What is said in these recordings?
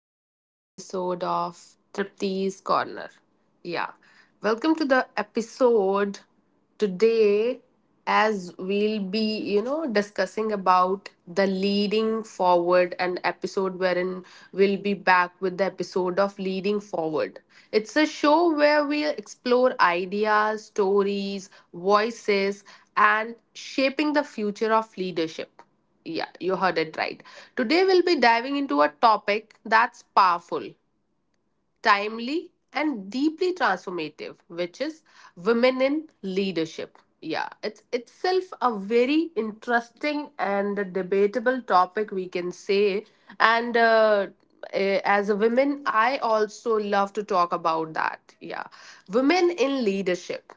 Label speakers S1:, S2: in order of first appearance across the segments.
S1: yet another episode of Tripti's Corner. Yeah, welcome to the episode today as we'll be, discussing about the leading forward an episode wherein we'll be back with the episode of leading forward. It's a show where we explore ideas, stories, voices and shaping the future of leadership. Yeah, you heard it right. Today we'll be diving into a topic that's powerful timely and deeply transformative, which is women in leadership. Yeah, it's itself a very interesting and a debatable topic we can say. and uh, as a woman I also love to talk about that. Yeah, women in leadership.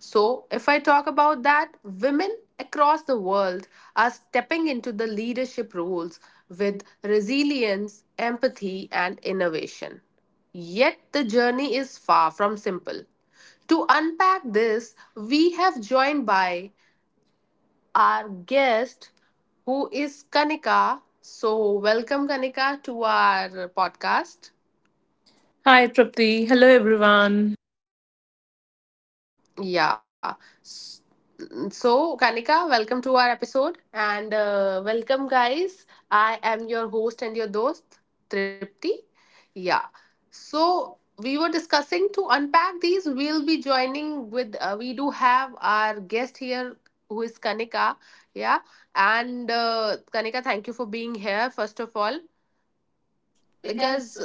S1: So, if I talk about that, women across the world are stepping into the leadership roles with resilience, empathy, and innovation. Yet the journey is far from simple. To unpack this, we have joined by our guest, who is Kanika. So, welcome Kanika to our podcast.
S2: Hi, Tripti. Hello, everyone.
S1: Yeah. S- So, Kanika, welcome to our episode. And Welcome, guys. I am your host and your host, Tripti. Yeah. So, we were discussing to unpack these. We'll be joining with, we do have our guest here who is Kanika. Yeah. And Kanika, thank you for being here, first of all. Because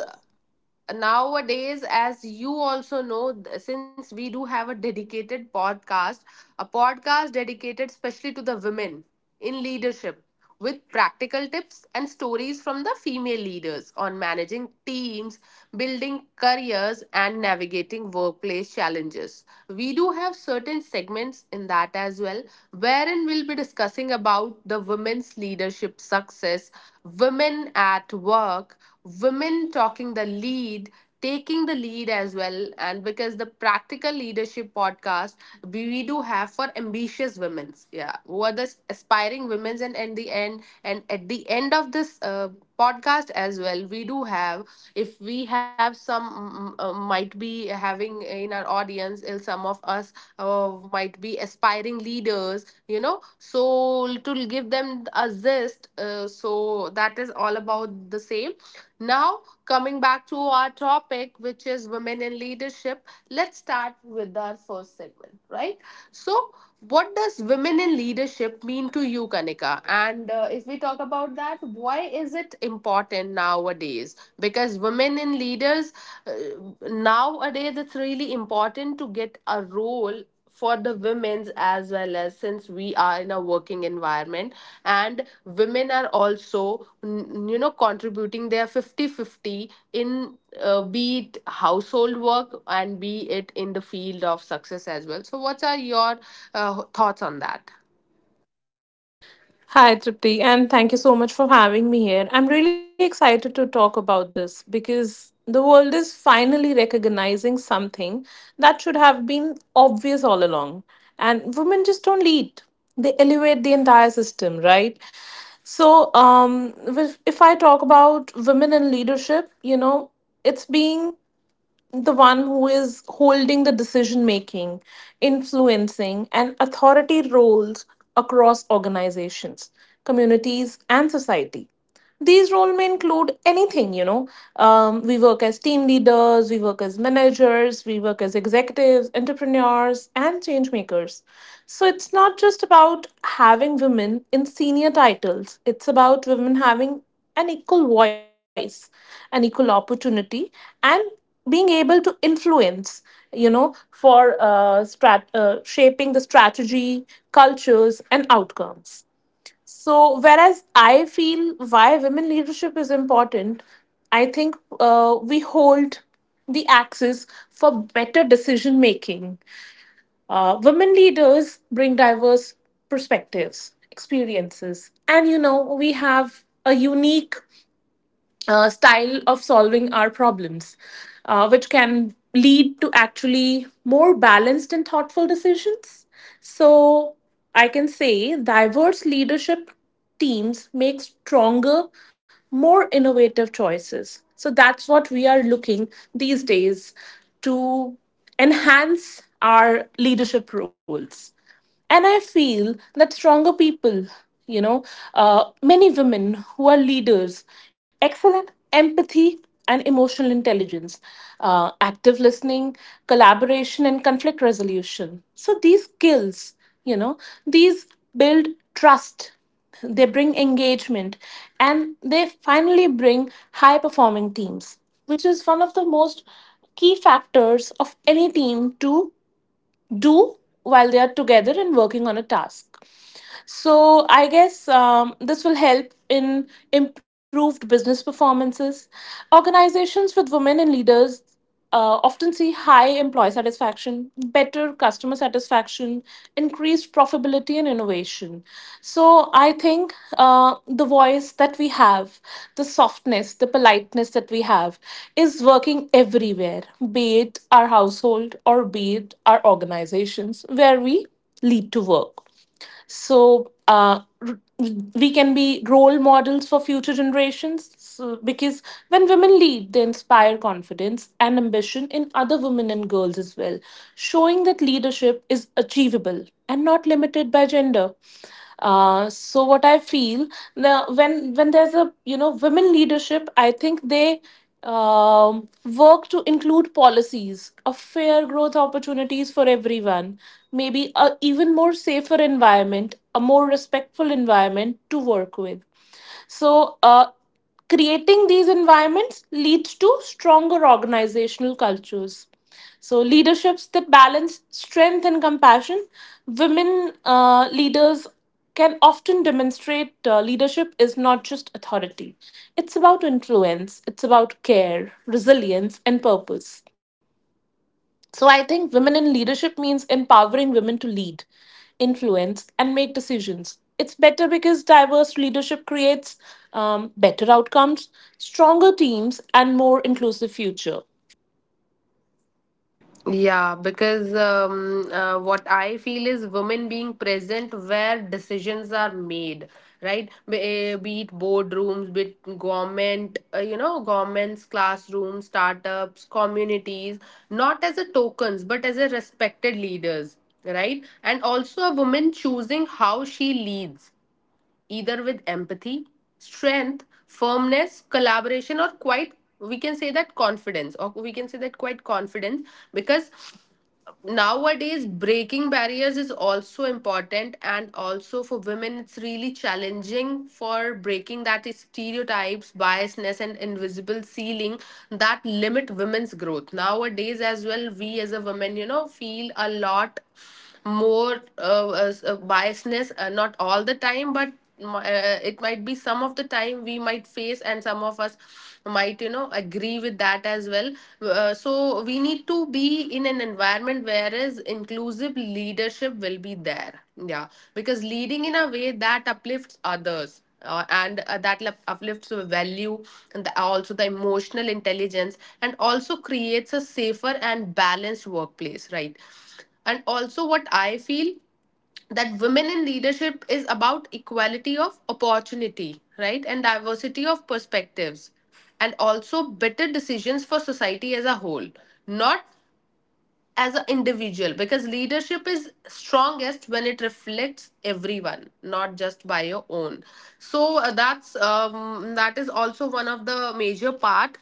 S1: nowadays, as you also know, since we do have a dedicated podcast, a podcast dedicated especially to the women in leadership with practical tips and stories from the female leaders on managing teams, building careers and navigating workplace challenges, we do have certain segments in that as well, wherein we'll be discussing about the women's leadership success, women at work, women talking the lead, taking the lead as well. And because the practical leadership podcast, we do have for ambitious women's, yeah, who are the aspiring women's, and at the end of this podcast as well, we do have, if we have some, might be having in our audience, some of us uh, might be aspiring leaders, you know so to give them a zest, so that is all about the same. Now, coming back to our topic, which is women in leadership, let's start with our first segment, right? So, what does women in leadership mean to you, Kanika? And If we talk about that, why is it important nowadays? Because women in leaders, uh, nowadays it's really important to get a role for the women's, as well, as since we are in a working environment and women are also contributing their 50-50 in, be it household work and be it in the field of success as well. So what are your thoughts on that?
S2: Hi, Tripti, and thank you so much for having me here. I'm really excited to talk about this because the world is finally recognizing something that should have been obvious all along. And women just don't lead, they elevate the entire system, right? So, if I talk about women in leadership, you know, it's being the one who is holding the decision making, influencing, and authority roles across organizations, communities, and society. These roles may include anything, you know. We work as team leaders, we work as managers, we work as executives, entrepreneurs, and change makers. So it's not just about having women in senior titles, it's about women having an equal voice, an equal opportunity, and being able to influence you know for shaping the strategy, cultures, and outcomes. So whereas I feel why women leadership is important, I think we hold the axis for better decision making. Women leaders bring diverse perspectives, experiences, and you know we have a unique style of solving our problems, which can lead to actually more balanced and thoughtful decisions. So, I can say diverse leadership teams make stronger, more innovative choices. So, that's what we are looking these days to enhance our leadership roles. And I feel that stronger people, you know, uh, many women who are leaders, excellent empathy and emotional intelligence, active listening, collaboration, and conflict resolution. So these skills, you know, these build trust, they bring engagement, and they finally bring high performing teams, which is one of the most key factors of any team to do while they are together and working on a task. So I guess this will help in improved business performances. Organizations with women and leaders often see high employee satisfaction, better customer satisfaction, increased profitability, and innovation. So I think the voice that we have, the softness, the politeness that we have, is working everywhere, be it our household or be it our organizations where we lead to work. So r- we can be role models for future generations, so because when women lead they inspire confidence and ambition in other women and girls as well, showing that leadership is achievable and not limited by gender. So what I feel now, when there's a you know women leadership, I think they work to include policies of fair growth opportunities for everyone, maybe a even more safer environment, a more respectful environment to work with. So, creating these environments leads to stronger organizational cultures. So, leaderships that balance strength and compassion, women leaders can often demonstrate leadership is not just authority. It's about influence, it's about care, resilience, and purpose. So I think women in leadership means empowering women to lead, influence, and make decisions. It's better because diverse leadership creates better outcomes, stronger teams, and more inclusive future.
S1: Yeah, because what I feel is women being present where decisions are made, right? Be it boardrooms, be it government, governments, classrooms, startups, communities, not as a tokens, but as a respected leaders, right? And also a woman choosing how she leads, either with empathy, strength, firmness, collaboration, or quite we can say that confidence, or we can say that quite confidence. Because nowadays breaking barriers is also important, and also for women, it's really challenging for breaking that stereotypes, biasness, and invisible ceiling that limit women's growth. Nowadays, as well, we as a woman, feel a lot more as biasness, not all the time, but it might be some of the time we might face, and some of us might agree with that as well. So we need to be in an environment whereas inclusive leadership will be there. Yeah, because leading in a way that uplifts others, and that uplifts the value and the, also the emotional intelligence and also creates a safer and balanced workplace, right? And also what I feel that women in leadership is about equality of opportunity, right? And diversity of perspectives, and also better decisions for society as a whole, not as an individual, because leadership is strongest when it reflects everyone, not just by your own. So that's that is also one of the major part.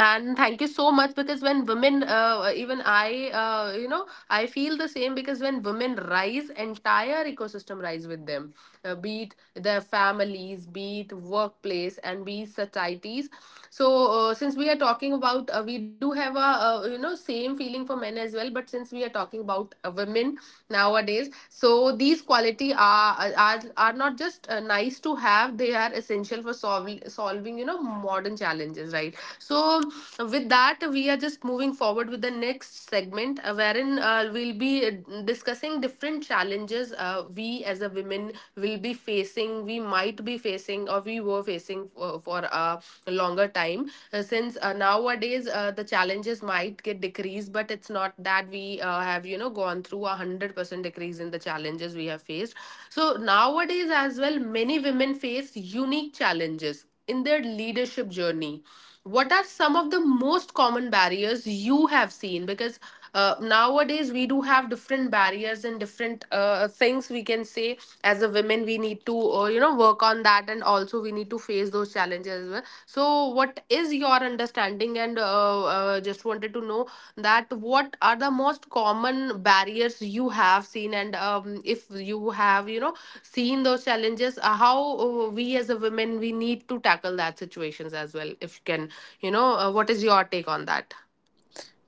S1: And thank you so much, because when women, even I, I feel the same, because when women rise, entire ecosystem rise with them, be it their families, be it workplace, and be it societies. So since we are talking about, we do have a, same feeling for men as well, but since we are talking about women nowadays, so these quality are are not just nice to have; they are essential for solving modern challenges, right? So, with that, we are just moving forward with the next segment, wherein we'll be discussing different challenges, we as a women will be facing, we might be facing, or we were facing for, a longer time. Since nowadays the challenges might get decreased, but it's not that we have gone through 100% decrease in the challenges we have faced. So nowadays as well, many women face unique challenges in their leadership journey. What are some of the most common barriers you have seen? Because nowadays we do have different barriers and different things we can say. As a women we need to, work on that, and also we need to face those challenges as well. So what is your understanding? And Just wanted to know that what are the most common barriers you have seen, and if you have seen those challenges, how we as a women we need to tackle that situations as well. If you can, what is your take on that?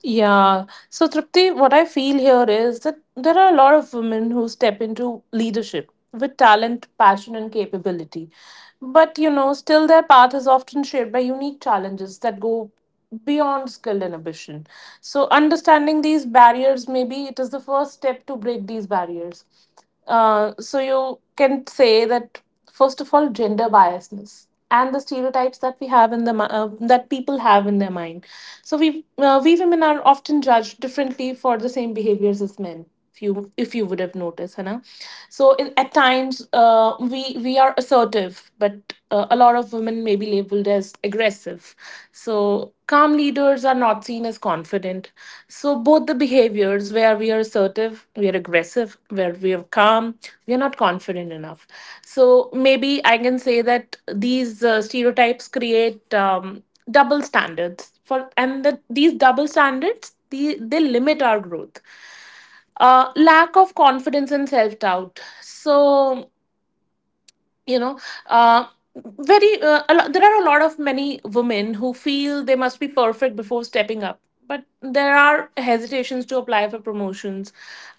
S2: Yeah. So, Tripti, what I feel here is that there are a lot of women who step into leadership with talent, passion, and capability. But, you know, still their path is often shaped by unique challenges that go beyond skill and ambition. So, understanding these barriers, maybe it is the first step to break these barriers. So, you can say that first of all gender biasness and the stereotypes that we have in the that people have in their mind. So we women are often judged differently for the same behaviors as men, if you would have noticed, Hannah. So in, at times we are assertive, but a lot of women may be labeled as aggressive. So, calm leaders are not seen as confident. So, both the behaviors where we are assertive, we are aggressive, where we are calm, we are not confident enough. So, maybe I can say that these stereotypes create double standards for, and that these double standards the, they limit our growth. Lack of confidence and self doubt. So, you know, uh, there are a lot of many women who feel they must be perfect before stepping up, but there are hesitations to apply for promotions,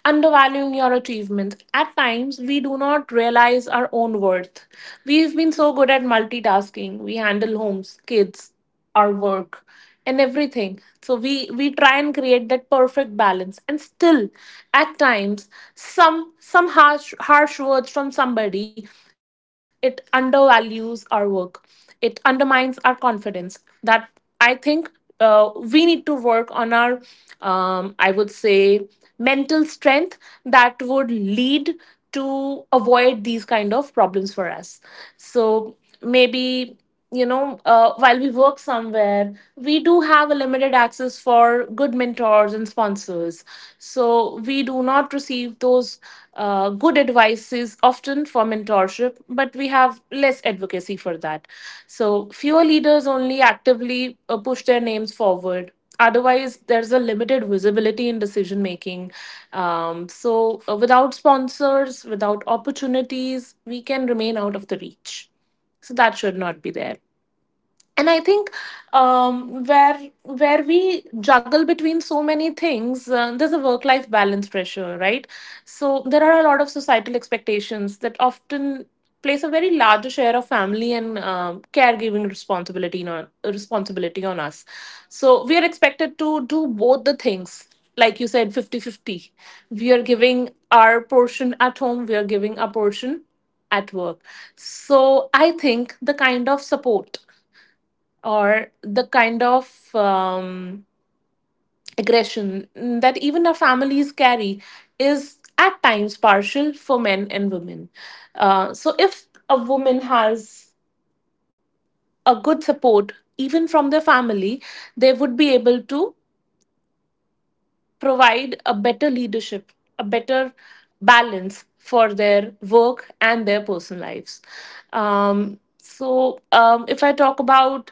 S2: undervaluing your achievements. At times we do not realize our own worth. We've been so good at multitasking. We handle homes, kids, our work, and everything. So we try and create that perfect balance, and still at times some harsh words from somebody, it undervalues our work, it undermines our confidence. That I think we need to work on our, I would say, mental strength. That would lead to avoid these kind of problems for us. So maybe, you know, while we work somewhere, we do have a limited access for good mentors and sponsors. So we do not receive those good advices often for mentorship, but we have less advocacy for that. So fewer leaders only actively push their names forward. Otherwise, there's a limited visibility in decision making. Without sponsors, without opportunities, we can remain out of the reach. So, that should not be there. And I think, um, where where we juggle between so many things, there's a work life balance pressure, right? So there are a lot of societal expectations that often place a very larger share of family and caregiving responsibility on us. So we are expected to do both the things, like you said, 50-50. We are giving our portion at home, we are giving a portion at work. So I think the kind of support or the kind of aggression that even our families carry is at times partial for men and women. So, if a woman has a good support, even from their family, they would be able to provide a better leadership, a better balance for their work and their personal lives. If I talk about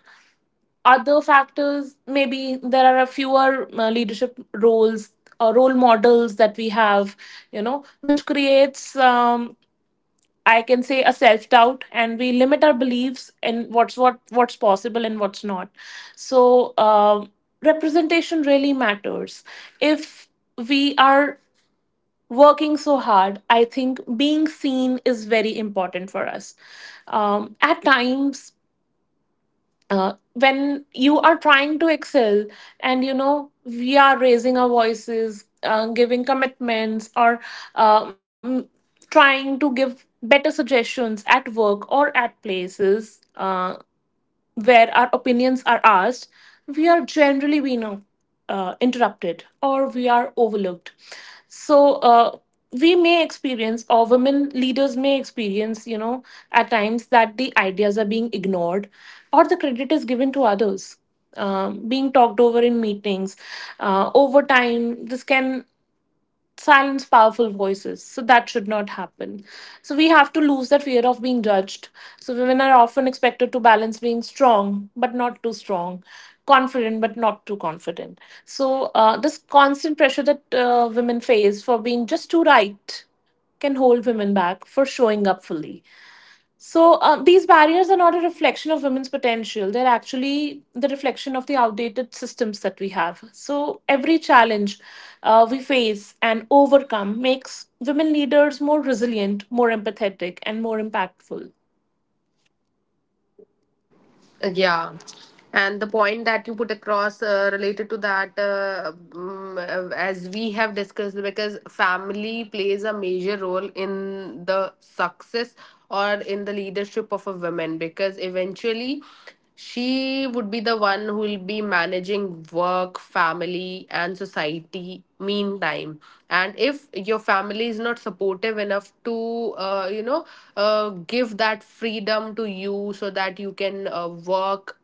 S2: other factors, maybe there are a fewer leadership roles or role models that we have, you know, which creates I can say a self doubt, and we limit our beliefs in what's possible and what's not. So um representation really matters. If we are working so hard, I think being seen is very important for us. At times, when you are trying to excel, and you know we are raising our voices, giving commitments, or um, trying to give better suggestions at work or at places where our opinions are asked, we are generally we know interrupted or we are overlooked. So we may experience, or women leaders may experience, you know, at times that the ideas are being ignored, or the credit is given to others. Being talked over in meetings, over time this can silence powerful voices. So that should not happen. So we have to lose that fear of being judged. So women are often expected to balance being strong but not too strong, confident but not too confident. So this constant pressure that women face for being just too right can hold women back for showing up fully. So these barriers are not a reflection of women's potential. They're actually the reflection of the outdated systems that we have. So every challenge we face and overcome makes women leaders more resilient, more empathetic, and more impactful.
S1: Yeah. And the point that you put across related to that, as we have discussed, because family plays a major role in the success or in the leadership of a woman, because eventually she would be the one who will be managing work, family, and society meantime. And if your family is not supportive enough to, give that freedom to you so that you can work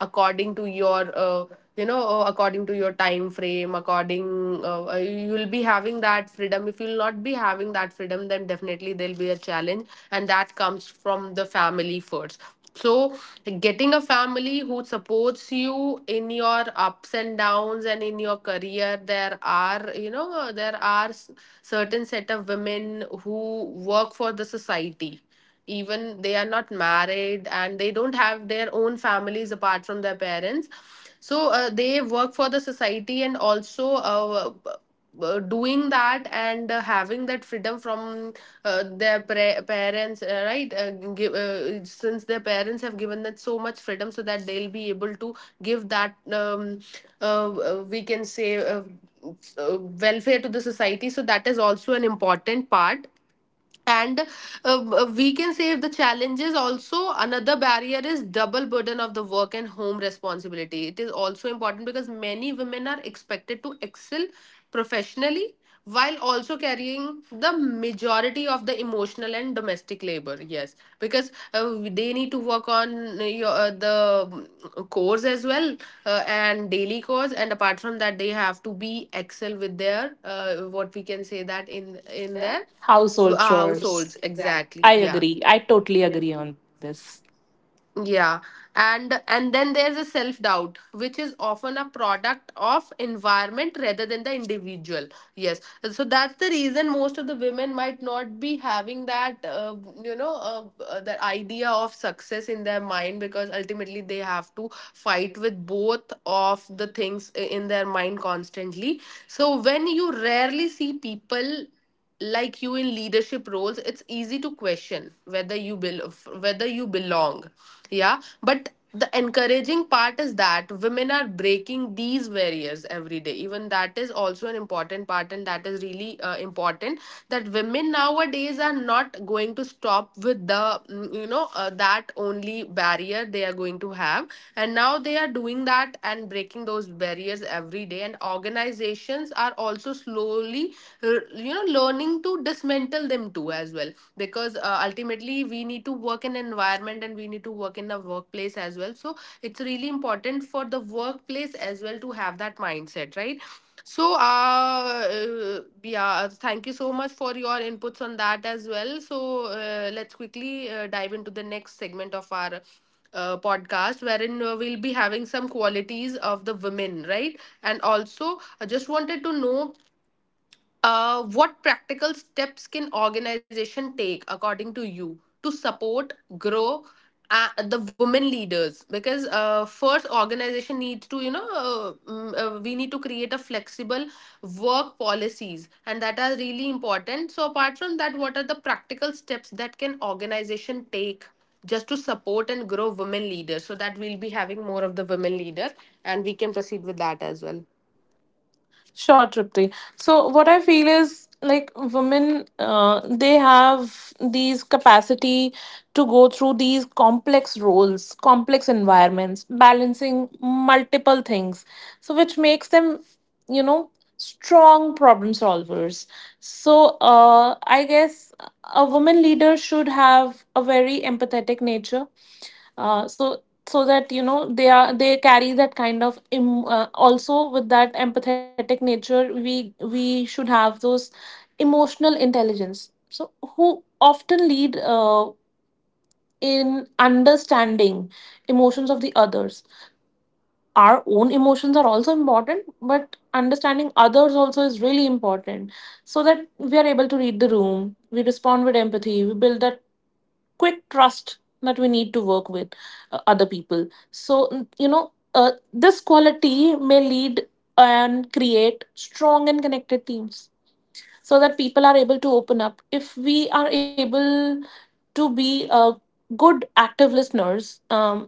S1: according to your according to your time frame, according you'll be having that freedom. If you'll not be having that freedom, then definitely there'll be a challenge, and that comes from the family first. So getting a family who supports you in your ups and downs and in your career, there are, there are certain set of women who work for the society, even they are not married and they don't have their own families apart from their parents. So they work for the society, and also, doing that, and having that freedom from their parents, right, give, since their parents have given them so much freedom so that they'll be able to give that, we can say, welfare to the society. So that is also an important part. And we can say, if the challenges, also another barrier is double burden of the work and home responsibility. It is also important because many women are expected to excel professionally while also carrying the majority of the emotional and domestic labor. Yes, because they need to work on your, the course as well, and daily course. And apart from that, they have to be excel with their, what we can say, that in there
S2: Household chores.
S1: households,
S2: Exactly.
S1: exactly.
S2: I
S1: Yeah.
S2: agree. I totally agree on this.
S1: Yeah. And then there's a self doubt which is often a product of environment rather than the individual, yes. So that's the reason most of the women might not be having that, you know the idea of success in their mind, because ultimately they have to fight with both of the things in their mind constantly. So when you rarely see people like you in leadership roles, it's easy to question whether you whether you belong. Yeah. But the encouraging part is that women are breaking these barriers every day, even that is also an important part, and that is really important, that women nowadays are not going to stop with the, that only barrier they are going to have. And now they are doing that, and breaking those barriers every day, and organizations are also slowly, learning to dismantle them too as well. Because ultimately we need to work in an environment, and we need to work in a workplace as well, so it's really important for the workplace as well to have that mindset, right? So yeah, thank you so much for your inputs on that as well. So let's quickly dive into the next segment of our podcast, wherein we'll be having some qualities of the women, right? And also I just wanted to know, what practical steps can organization take, according to you, to support, grow the women leaders? Because first, organization needs to, you know, we need to create a flexible work policies, and that are really important. So apart from that, what are the practical steps that can organization take? Just to support and grow women leaders so that we'll be having more of the women leaders, and we can proceed with that as well.
S2: Sure, Tripti. So, what I feel is like women, they have these capacity to go through these complex roles, complex environments, balancing multiple things. So, which makes them, you know, strong problem solvers. So, I guess a woman leader should have a very empathetic nature. Uh, so so that you know they carry that kind of also with that empathetic nature we should have those emotional intelligence, so who often lead in understanding emotions of the others. Our own emotions are also important, but understanding others also is really important, so that we are able to read the room, we respond with empathy, we build that quick trust that we need to work with other people. So, you know, this quality may lead and create strong and connected teams, so that people are able to open up. If we are able to be good active listeners, um,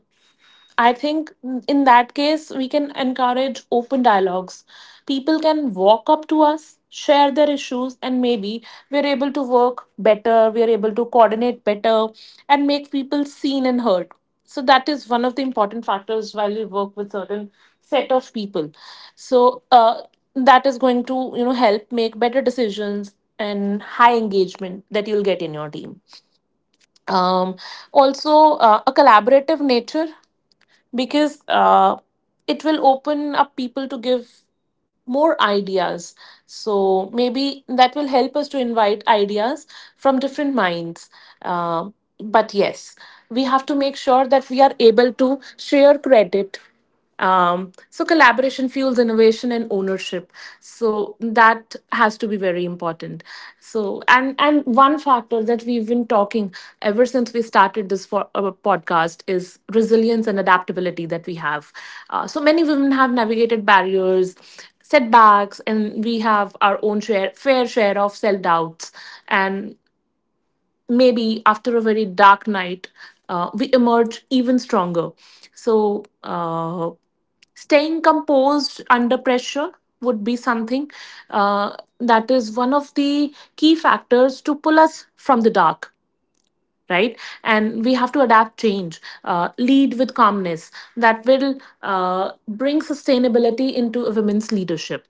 S2: I think in that case, we can encourage open dialogues. People can walk up to us, share their issues, and maybe we're able to work better, we're able to coordinate better, and make people seen and heard. So, that is one of the important factors while we work with certain set of people. So, that is going to help make better decisions and high engagement that you'll get in your team, um, also a collaborative nature, because it will open up people to give more ideas. So maybe that will help us to invite ideas from different minds. Uh, but yes, we have to make sure that we are able to share credit. So collaboration fuels innovation and ownership. So that has to be very important. So, and one factor that we've been talking ever since we started this for our podcast is resilience and adaptability that we have. So many women have navigated barriers, setbacks, and we have our own share, fair share of self doubts. And maybe after a very dark night, we emerge even stronger. So, staying composed under pressure would be something, that is one of the key factors to pull us from the dark, right, and we have to adapt change, lead with calmness that will bring sustainability into a women's leadership.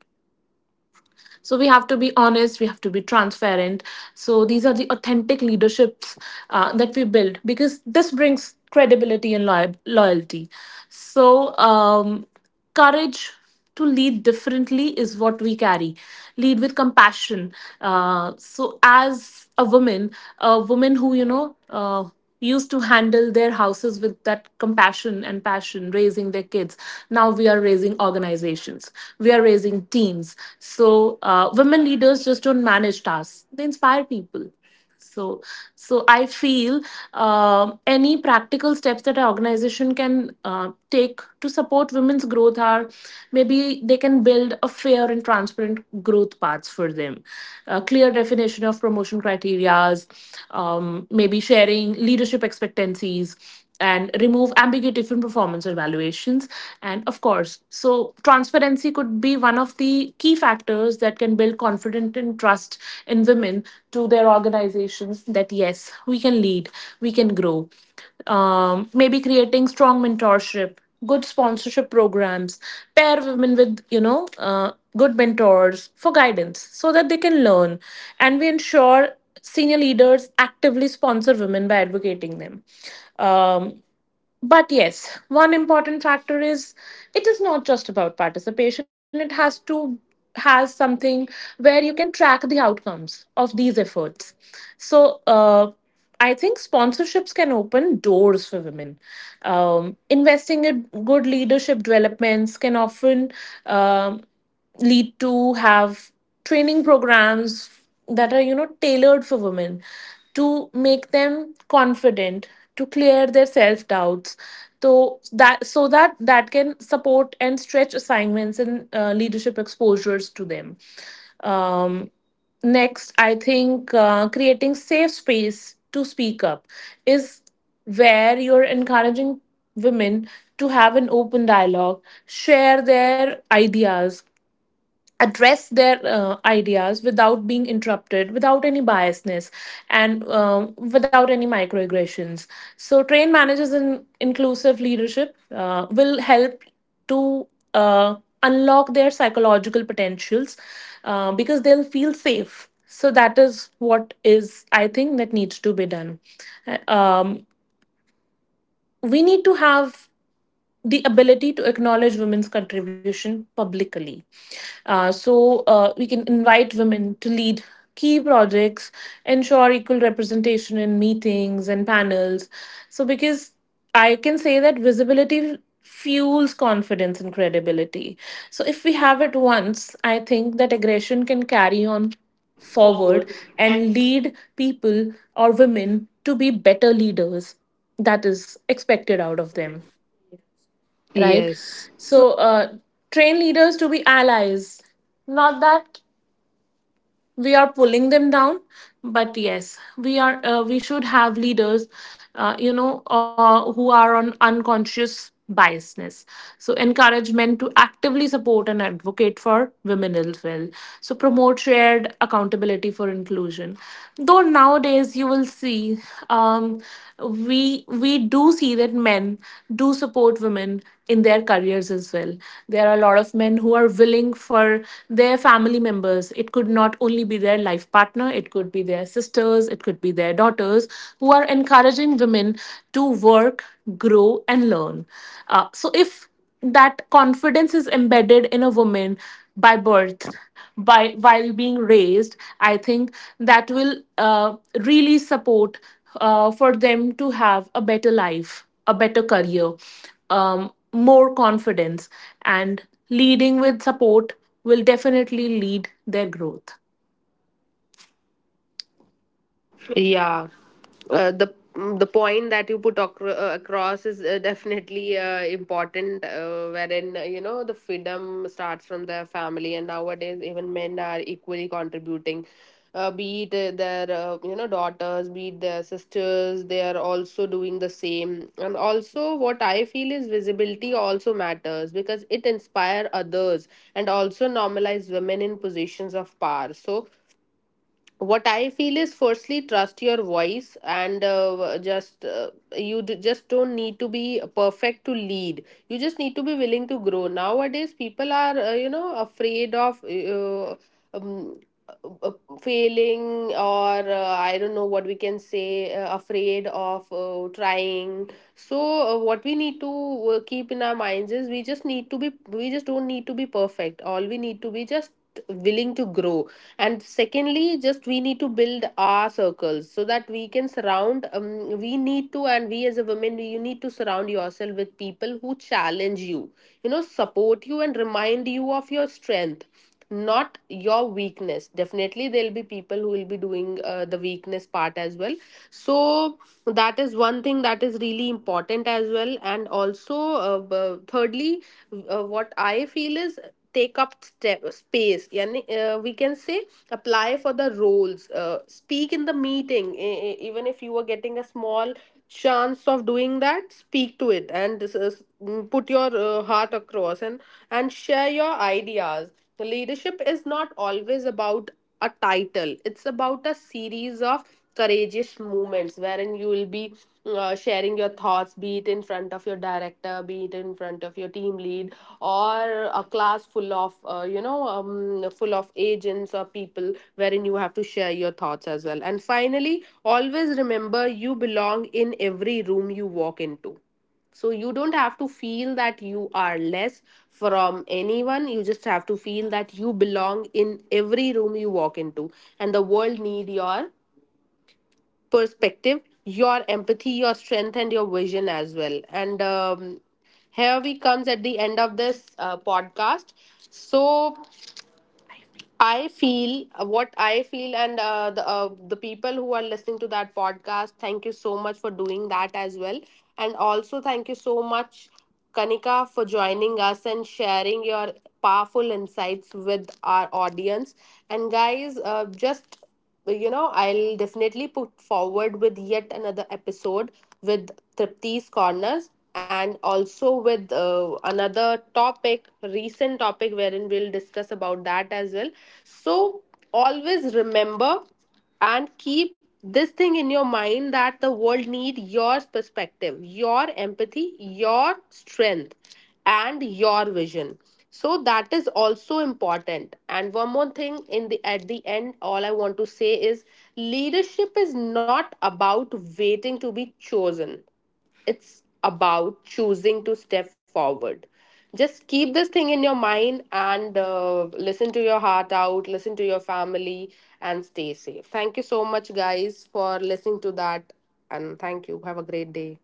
S2: So we have to be honest, we have to be transparent. So these are the authentic leaderships that we build, because this brings credibility and loyalty. So, courage to lead differently is what we carry. Lead with compassion. So as a woman who. Used to handle their houses with that compassion and passion, raising their kids, now we are raising organizations, we are raising teams. So women leaders just don't manage tasks, they inspire people. So, so I feel any practical steps that an organization can take to support women's growth are, maybe they can build a fair and transparent growth paths for them, a clear definition of promotion criterias, maybe sharing leadership expectancies and remove ambiguity from performance evaluations. And of course, so transparency could be one of the key factors that can build confidence and trust in women, to their organizations, that yes, we can lead, we can grow. Maybe creating strong mentorship, good sponsorship programs, pair women with good mentors for guidance so that they can learn, and we ensure senior leaders actively sponsor women by advocating them. Um, but yes, one important factor is, it is not just about participation. It has to, has something where you can track the outcomes of these efforts. So I think sponsorships can open doors for women. Investing in good leadership developments can often, um lead to have training programs that are, tailored for women, to make them confident, to clear their self doubts, so that, that can support and stretch assignments and leadership exposures to them. um, Next, I think creating safe space to speak up is where you're encouraging women to have an open dialogue, share their ideas, address their ideas without being interrupted, without any biasness, and without any microaggressions. So train managers in inclusive leadership will help to uh, unlock their psychological potentials, because they'll feel safe. So that is what is, I think, that needs to be done. Uh, um, we need to have the ability to acknowledge women's contribution publicly. So we can invite women to lead key projects, ensure equal representation in meetings and panels. So because I can say that visibility fuels confidence and credibility. So if we have it once, I think that aggression can carry on forward and lead people or women to be better leaders that is expected out of them, right?
S1: Yes.
S2: So train leaders to be allies, not that we are pulling them down, but yes, we are, we should have leaders, who are on unconscious biasness. So encourage men to actively support and advocate for women as well. So promote shared accountability for inclusion. Though nowadays you will see, um, we do see that men do support women in their careers as well. There are a lot of men who are willing for their family members. It could not only be their life partner, it could be their sisters, it could be their daughters, who are encouraging women to work, grow, and learn. So, if that confidence is embedded in a woman by birth, by while being raised, I think that will uh, really support for them to have a better life, a better career, more confidence, and leading with support will definitely lead their growth.
S1: Yeah, the point that you put across is definitely important. Wherein you know the freedom starts from the family, and nowadays even men are equally contributing. Be it their you know daughters, be it their sisters, they are also doing the same. And also, what I feel is visibility also matters because it inspire others and also normalize women in positions of power. So what I feel is, firstly, trust your voice and just just don't need to be perfect to lead. You just need to be willing to grow. Nowadays people are you know afraid of um, uh, failing or I don't know what we can say, afraid of trying. So what we need to keep in our minds is we just don't need to be perfect. All we need to be just willing to grow. And secondly, just we need to build our circles so that we can surround, we need to, and we as a woman you need to surround yourself with people who challenge you, you know, support you and remind you of your strength, not your weakness. Definitely there'll be people who will be doing the weakness part as well. So that is one thing that is really important as well. And also, thirdly, what I feel is, take up step, space, yani, we can say, apply for the roles, speak in the meeting. Even if you are getting a small chance of doing that, speak to it, and this is, put your heart across and share your ideas. The leadership is not always about a title. It's about a series of courageous movements, wherein you will be sharing your thoughts, be it in front of your director, be it in front of your team lead, or a class full of you know full of agents or people, wherein you have to share your thoughts as well. And finally, always remember, you belong in every room you walk into. So you don't have to feel that you are less from anyone. You just have to feel that you belong in every room you walk into, and the world need your perspective, your empathy, your strength, and your vision as well. And here we comes at the end of this podcast. So I feel, what I feel, and the people who are listening to that podcast, thank you so much for doing that as well, and also thank you so much, Kanika, for joining us and sharing your powerful insights with our audience. And guys, just you know, I'll definitely put forward with yet another episode with Tripti's Corners, and also with another topic, recent topic, wherein we'll discuss about that as well. So, always remember and keep this thing in your mind that the world need your perspective, your empathy, your strength, and your vision. So that is also important. And one more thing, in the at the end, all I want to say is, leadership is not about waiting to be chosen, it's about choosing to step forward. Just keep this thing in your mind, and listen to your heart out, listen to your family, and stay safe. Thank you so much, guys, for listening to that. And thank you. Have a great day.